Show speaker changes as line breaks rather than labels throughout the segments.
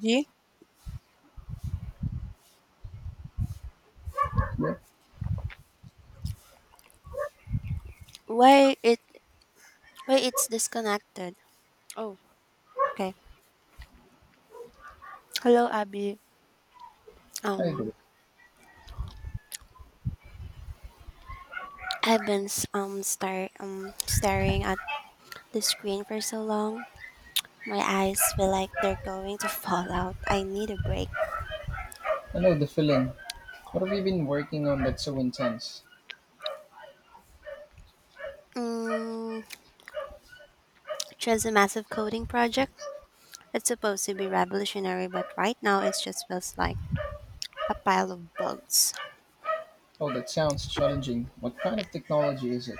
Ji.
Yeah,
Why it why it's disconnected? Oh, okay. Hello, Abby.
I do.
Um, I've been staring at the screen for so long. My eyes feel like they're going to fall out. I need a break.
I know the feeling. What have you been working on that's so intense?
Mm, just a massive coding project. It's supposed to be revolutionary, but right now it just feels like a pile of bugs.
Oh, that sounds challenging. What kind of technology is it?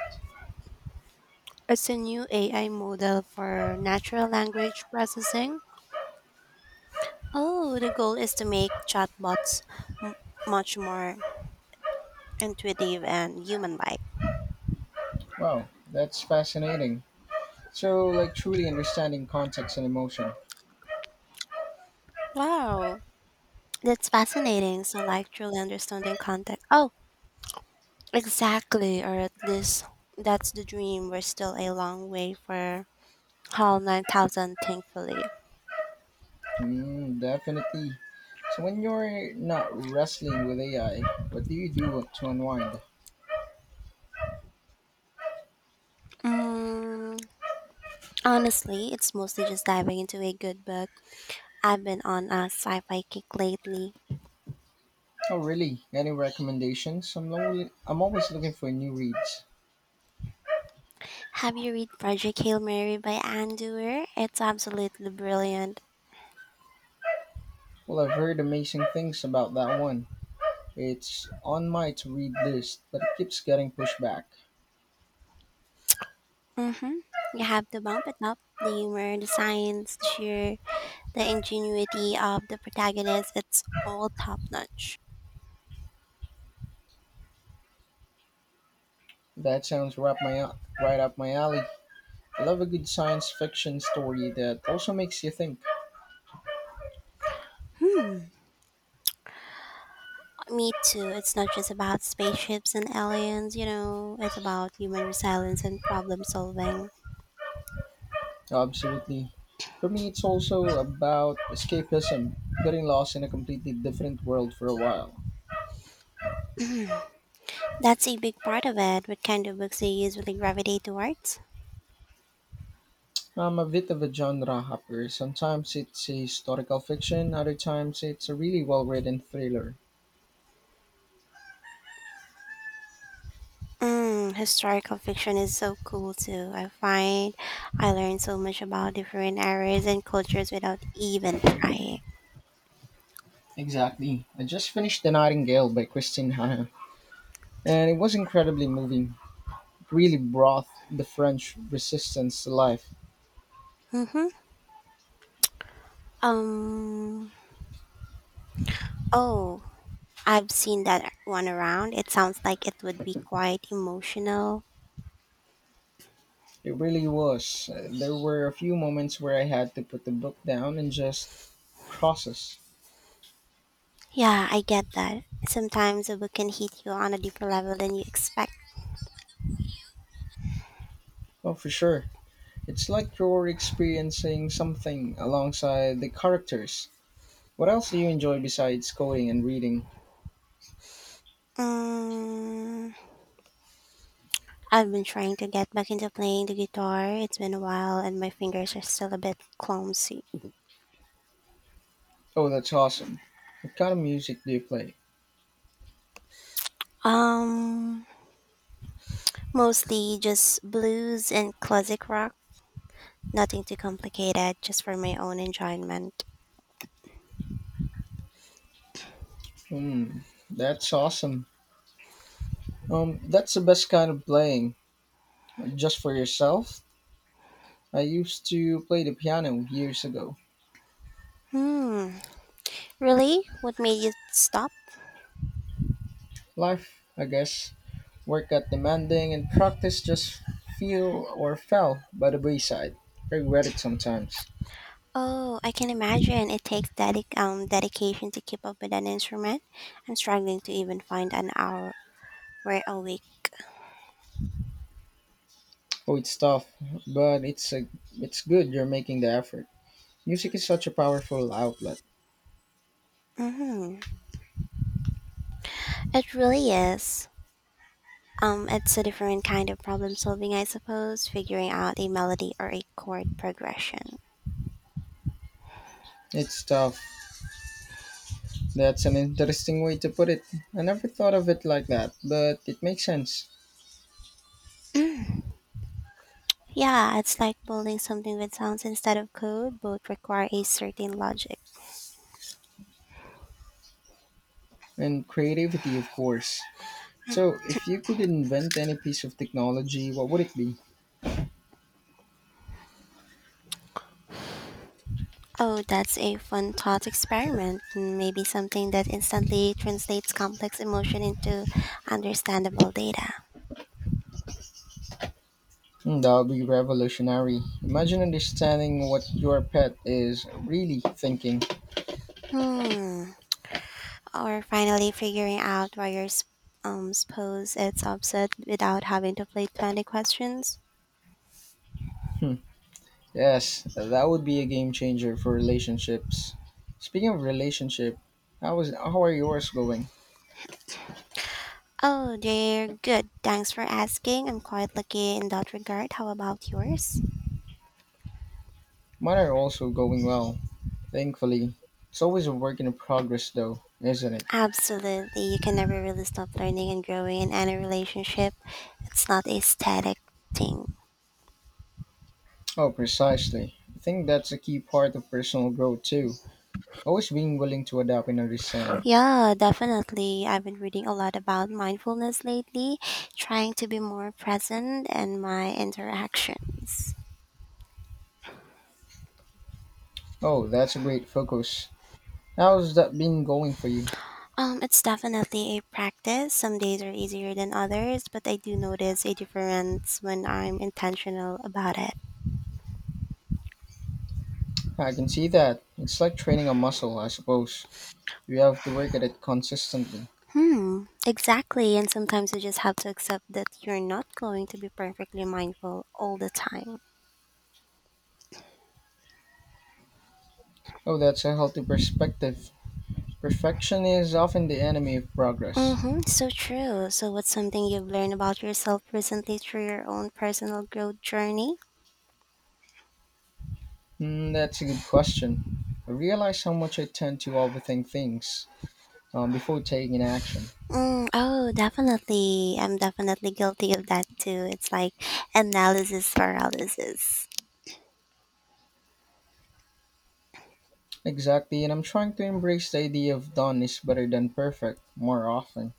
It's a new AI model for natural language processing. Oh, the goal is to make chatbots much more intuitive and human like.
Wow, that's fascinating. So, like truly understanding context and emotion.
Wow, that's fascinating. So, like, truly understanding context. Oh, exactly. Or at least that's the dream. We're still a long way for Hall 9000, thankfully.
Definitely. So, when you're not wrestling with AI, what do you do to unwind?
Mm, Honestly, it's mostly just diving into a good book. I've been on a sci fi kick lately.
Oh, really? Any recommendations? I'm, lonely, I'm always looking for new reads.
Have you read Project Hail Mary by Anne Dewar? It's absolutely brilliant.
Well, I've heard amazing things about that one. It's on my to-read list, but it keeps getting pushed back.
Mm hmm. You have to bump it up, the humor, the science, the ingenuity of the protagonist, it's all top notch.
That sounds right, right up my alley. I love a good science fiction story that also makes you think.
Hmm. Me too. It's not just about spaceships and aliens, you know, it's about human resilience and problem solving.
Absolutely. For me, it's also about escapism, getting lost in a completely different world for a while.
That's a big part of it. What kind of books do you usually gravitate towards?
I'm a bit of a genre hopper. Sometimes it's a historical fiction, other times it's a really well written thriller.
Historical fiction is so cool too. I find I learn so much about different eras and cultures without even trying.
Exactly. I just finished The Nightingale by Christine Hanna, and it was incredibly moving. Really brought the French resistance to life.
Mm-hmm. Um. Oh, I've seen that one around. It sounds like it would be quite emotional.
It really was. There were a few moments where I had to put the book down and just process.
Yeah, I get that. Sometimes a book can hit you on a deeper level than you expect.
Oh, for sure. It's like you're experiencing something alongside the characters. What else do you enjoy besides coding and reading?
Mm, I've been trying to get back into playing the guitar. It's been a while and my fingers are still a bit clumsy.
Oh, that's awesome. What kind of music do you play?
Um, Mostly just blues and classic rock. Nothing too complicated, just for my own enjoyment.
Hmm, that's awesome. That's the best kind of playing. Just for yourself? I used to play the piano years ago.
Hmm, really? What made you stop?
Life, I guess. Work got demanding and practice just feel or fell by the wayside. I regret it sometimes.
Oh, I can imagine it takes dedication to keep up with an instrument. I'm struggling to even find an hour where a week.
Oh, it's tough, but it's good you're making the effort. Music is such a powerful outlet.
Hmm. It really is. It's a different kind of problem solving, I suppose, figuring out a melody or a chord progression.
It's tough. That's an interesting way to put it. I never thought of it like that, but it makes sense.
Yeah, it's like building something with sounds instead of code, both require a certain logic.
And creativity, of course. So, if you could invent any piece of technology, what would it be?
Oh, that's a fun thought experiment. Maybe something that instantly translates complex emotion into understandable data.
Hmm, that would be revolutionary. Imagine understanding what your pet is really thinking.
Hmm. Or finally figuring out why your spouse is upset without having to play 20 questions.
Hmm. Yes, that would be a game changer for relationships. Speaking of relationship, how are yours going?
Oh, you're good. Thanks for asking. I'm quite lucky in that regard. How about yours?
Mine are also going well, thankfully. It's always a work in progress, though, isn't it?
Absolutely. You can never really stop learning and growing in any relationship. It's not a static thing.
Oh, precisely. I think that's a key part of personal growth too. Always being willing to adapt and understand.
Yeah, definitely. I've been reading a lot about mindfulness lately, trying to be more present in my interactions.
Oh, that's a great focus. How's that been going for you?
It's definitely a practice. Some days are easier than others, but I do notice a difference when I'm intentional about it.
I can see that. It's like training a muscle, I suppose. You have to work at it consistently.
Hmm, exactly. And sometimes you just have to accept that you're not going to be perfectly mindful all the time.
Oh, that's a healthy perspective. Perfection is often the enemy of progress.
Mm-hmm, so true. So, what's something you've learned about yourself recently through your own personal growth journey?
Hmm, that's a good question. I realize how much I tend to overthink things before taking action.
Mm, oh, definitely. I'm definitely guilty of that too. It's like analysis paralysis.
Exactly, and I'm trying to embrace the idea of done is better than perfect more often.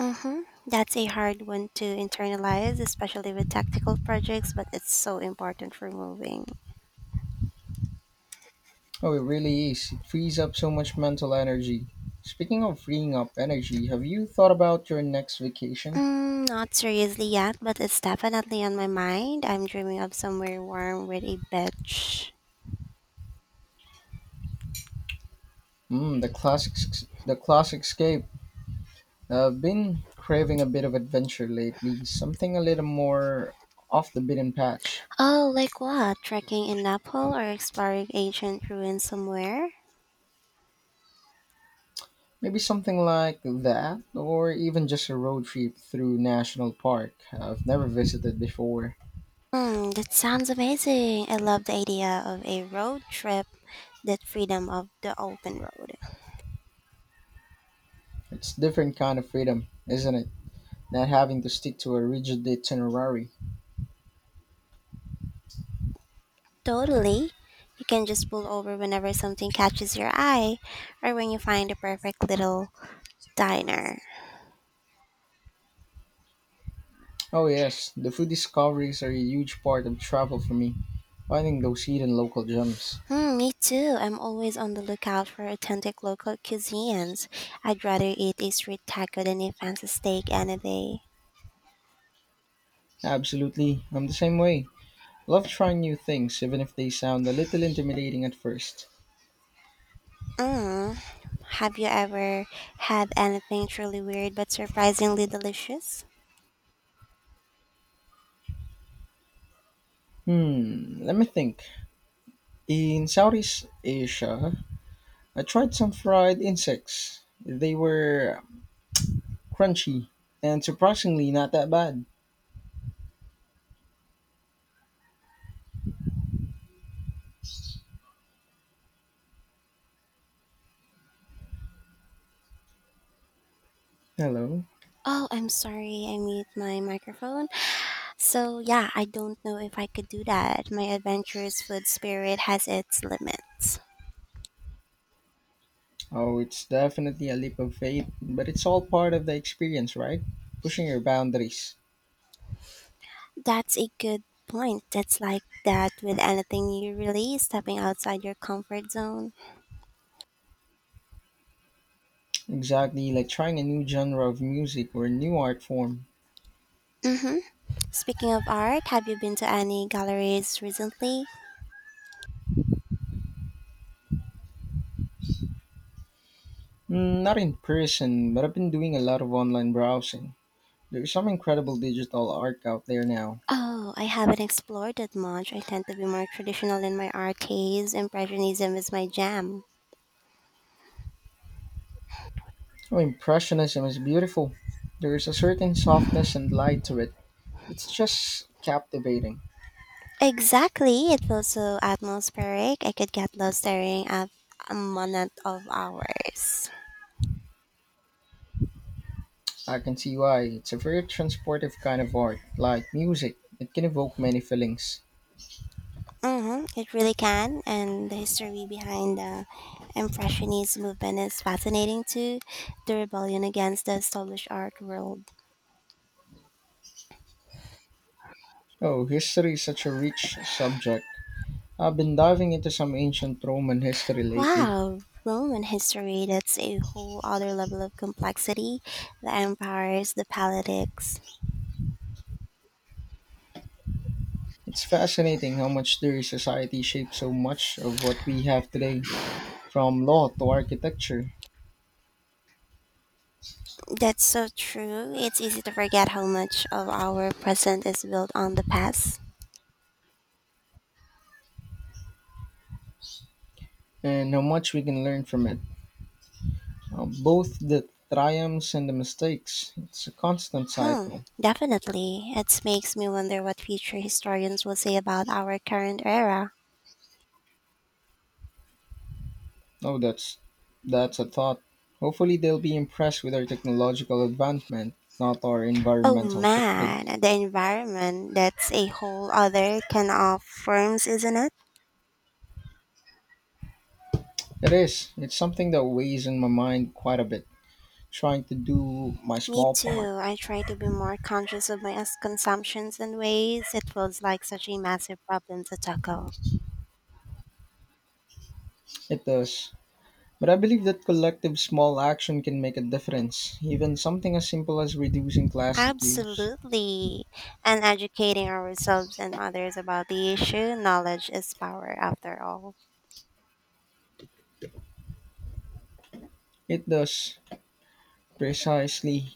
Mm-hmm. That's a hard one to internalize, especially with tactical projects, but it's so important for moving.
Oh, it really is. It frees up so much mental energy. Speaking of freeing up energy, have you thought about your next vacation?
Not seriously yet, but it's definitely on my mind. I'm dreaming of somewhere warm with a beach.
The classic, the classic escape. I've been craving a bit of adventure lately, something a little more off the beaten patch.
Oh, like what? Trekking in Nepal or exploring ancient ruins somewhere?
Maybe something like that, or even just a road trip through national park I've never visited before.
Hmm, that sounds amazing. I love the idea of a road trip, that freedom of the open road.
It's different kind of freedom, isn't it? Not having to stick to a rigid itinerary.
Totally. You can just pull over whenever something catches your eye or when you find the perfect little diner.
Oh yes, the food discoveries are a huge part of travel for me. Finding those hidden local gems.
Hmm, me too. I'm always on the lookout for authentic local cuisines. I'd rather eat a street taco than a fancy steak any day.
Absolutely, I'm the same way. Love trying new things, even if they sound a little intimidating at first.
Mm. Have you ever had anything truly weird but surprisingly delicious?
Hmm, let me think. In Southeast Asia, I tried some fried insects. They were crunchy and surprisingly not that bad. Hello.
Oh, I'm sorry, I mute my microphone. So, yeah, I don't know if I could do that. My adventurous food spirit has its limits.
Oh, it's definitely a leap of faith, but it's all part of the experience, right? Pushing your boundaries.
That's a good point. It's like that with anything you release, stepping outside your comfort zone.
Exactly, like trying a new genre of music or a new art form.
Hmm. Speaking of art, have you been to any galleries recently?
Mm, not in person, but I've been doing a lot of online browsing. There's some incredible digital art out there now.
Oh, I haven't explored that much. I tend to be more traditional in my art taste. Impressionism is my jam.
Oh, Impressionism is beautiful. There is a certain softness and light to it. It's just captivating.
Exactly. It feels so atmospheric. I could get lost staring at a monet of hours.
I can see why. It's a very transportive kind of art, like music. It can evoke many feelings.
Hmm. It really can, and the history behind the Impressionist movement is fascinating too. The rebellion against the established art world.
Oh, history is such a rich subject. I've been diving into some ancient Roman history lately.
Wow, Roman history, that's a whole other level of complexity. The empires, the politics.
It's fascinating how much their society shaped so much of what we have today, from law to architecture,
That's so true. It's easy to forget how much of our present is built on the past.
and how much we can learn from it. Both the triumphs and the mistakes. It's a constant
Hmm,
cycle.
definitely. It makes me wonder what future historians will say about our current era.
Oh, that's a thought. Hopefully, they'll be impressed with our technological advancement, not our
Oh
environmental footprint.
man, the environment, that's a whole other can of worms, isn't it?
It is. It's something that weighs in my mind quite a bit, trying to do my
Me
small part.
too. I try to be more conscious of my consumptions and ways. It feels like such a massive problem to tackle.
It does. But I believe that collective small action can make a difference, even something as simple as reducing plastic use.
Absolutely. And educating ourselves and others about the issue, knowledge is power after all.
It does. Precisely.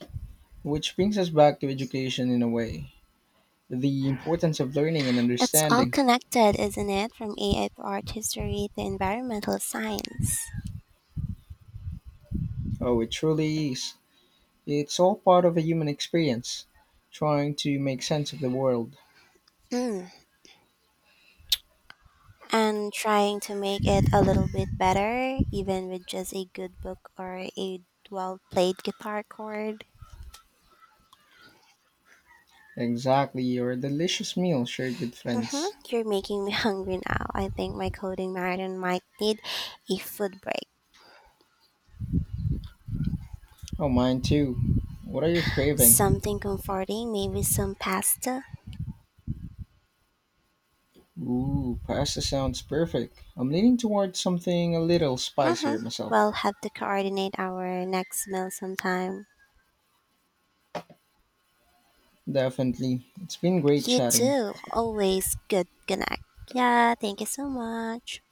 Which brings us back to education in a way. The importance of learning and
It's all
understanding.
connected, isn't it? From AI to art history to environmental science.
Oh, it truly is. It's all part of a human experience, trying to make sense of the world.
Hmm, and trying to make it a little bit better, even with just a good book or a well played guitar chord.
Exactly, your delicious meal shared with
Mhm.
friends.
You're making me hungry now. I think my coding marathon might need a food break.
Oh, mine too. What are you craving?
Something comforting, maybe some pasta.
Ooh, pasta sounds perfect. I'm leaning towards something a little
Mhm.
spicier
We'll
myself.
have to coordinate our next meal sometime.
Definitely. It's been great
You
chatting.
too. Always good connect. Yeah, thank you so much.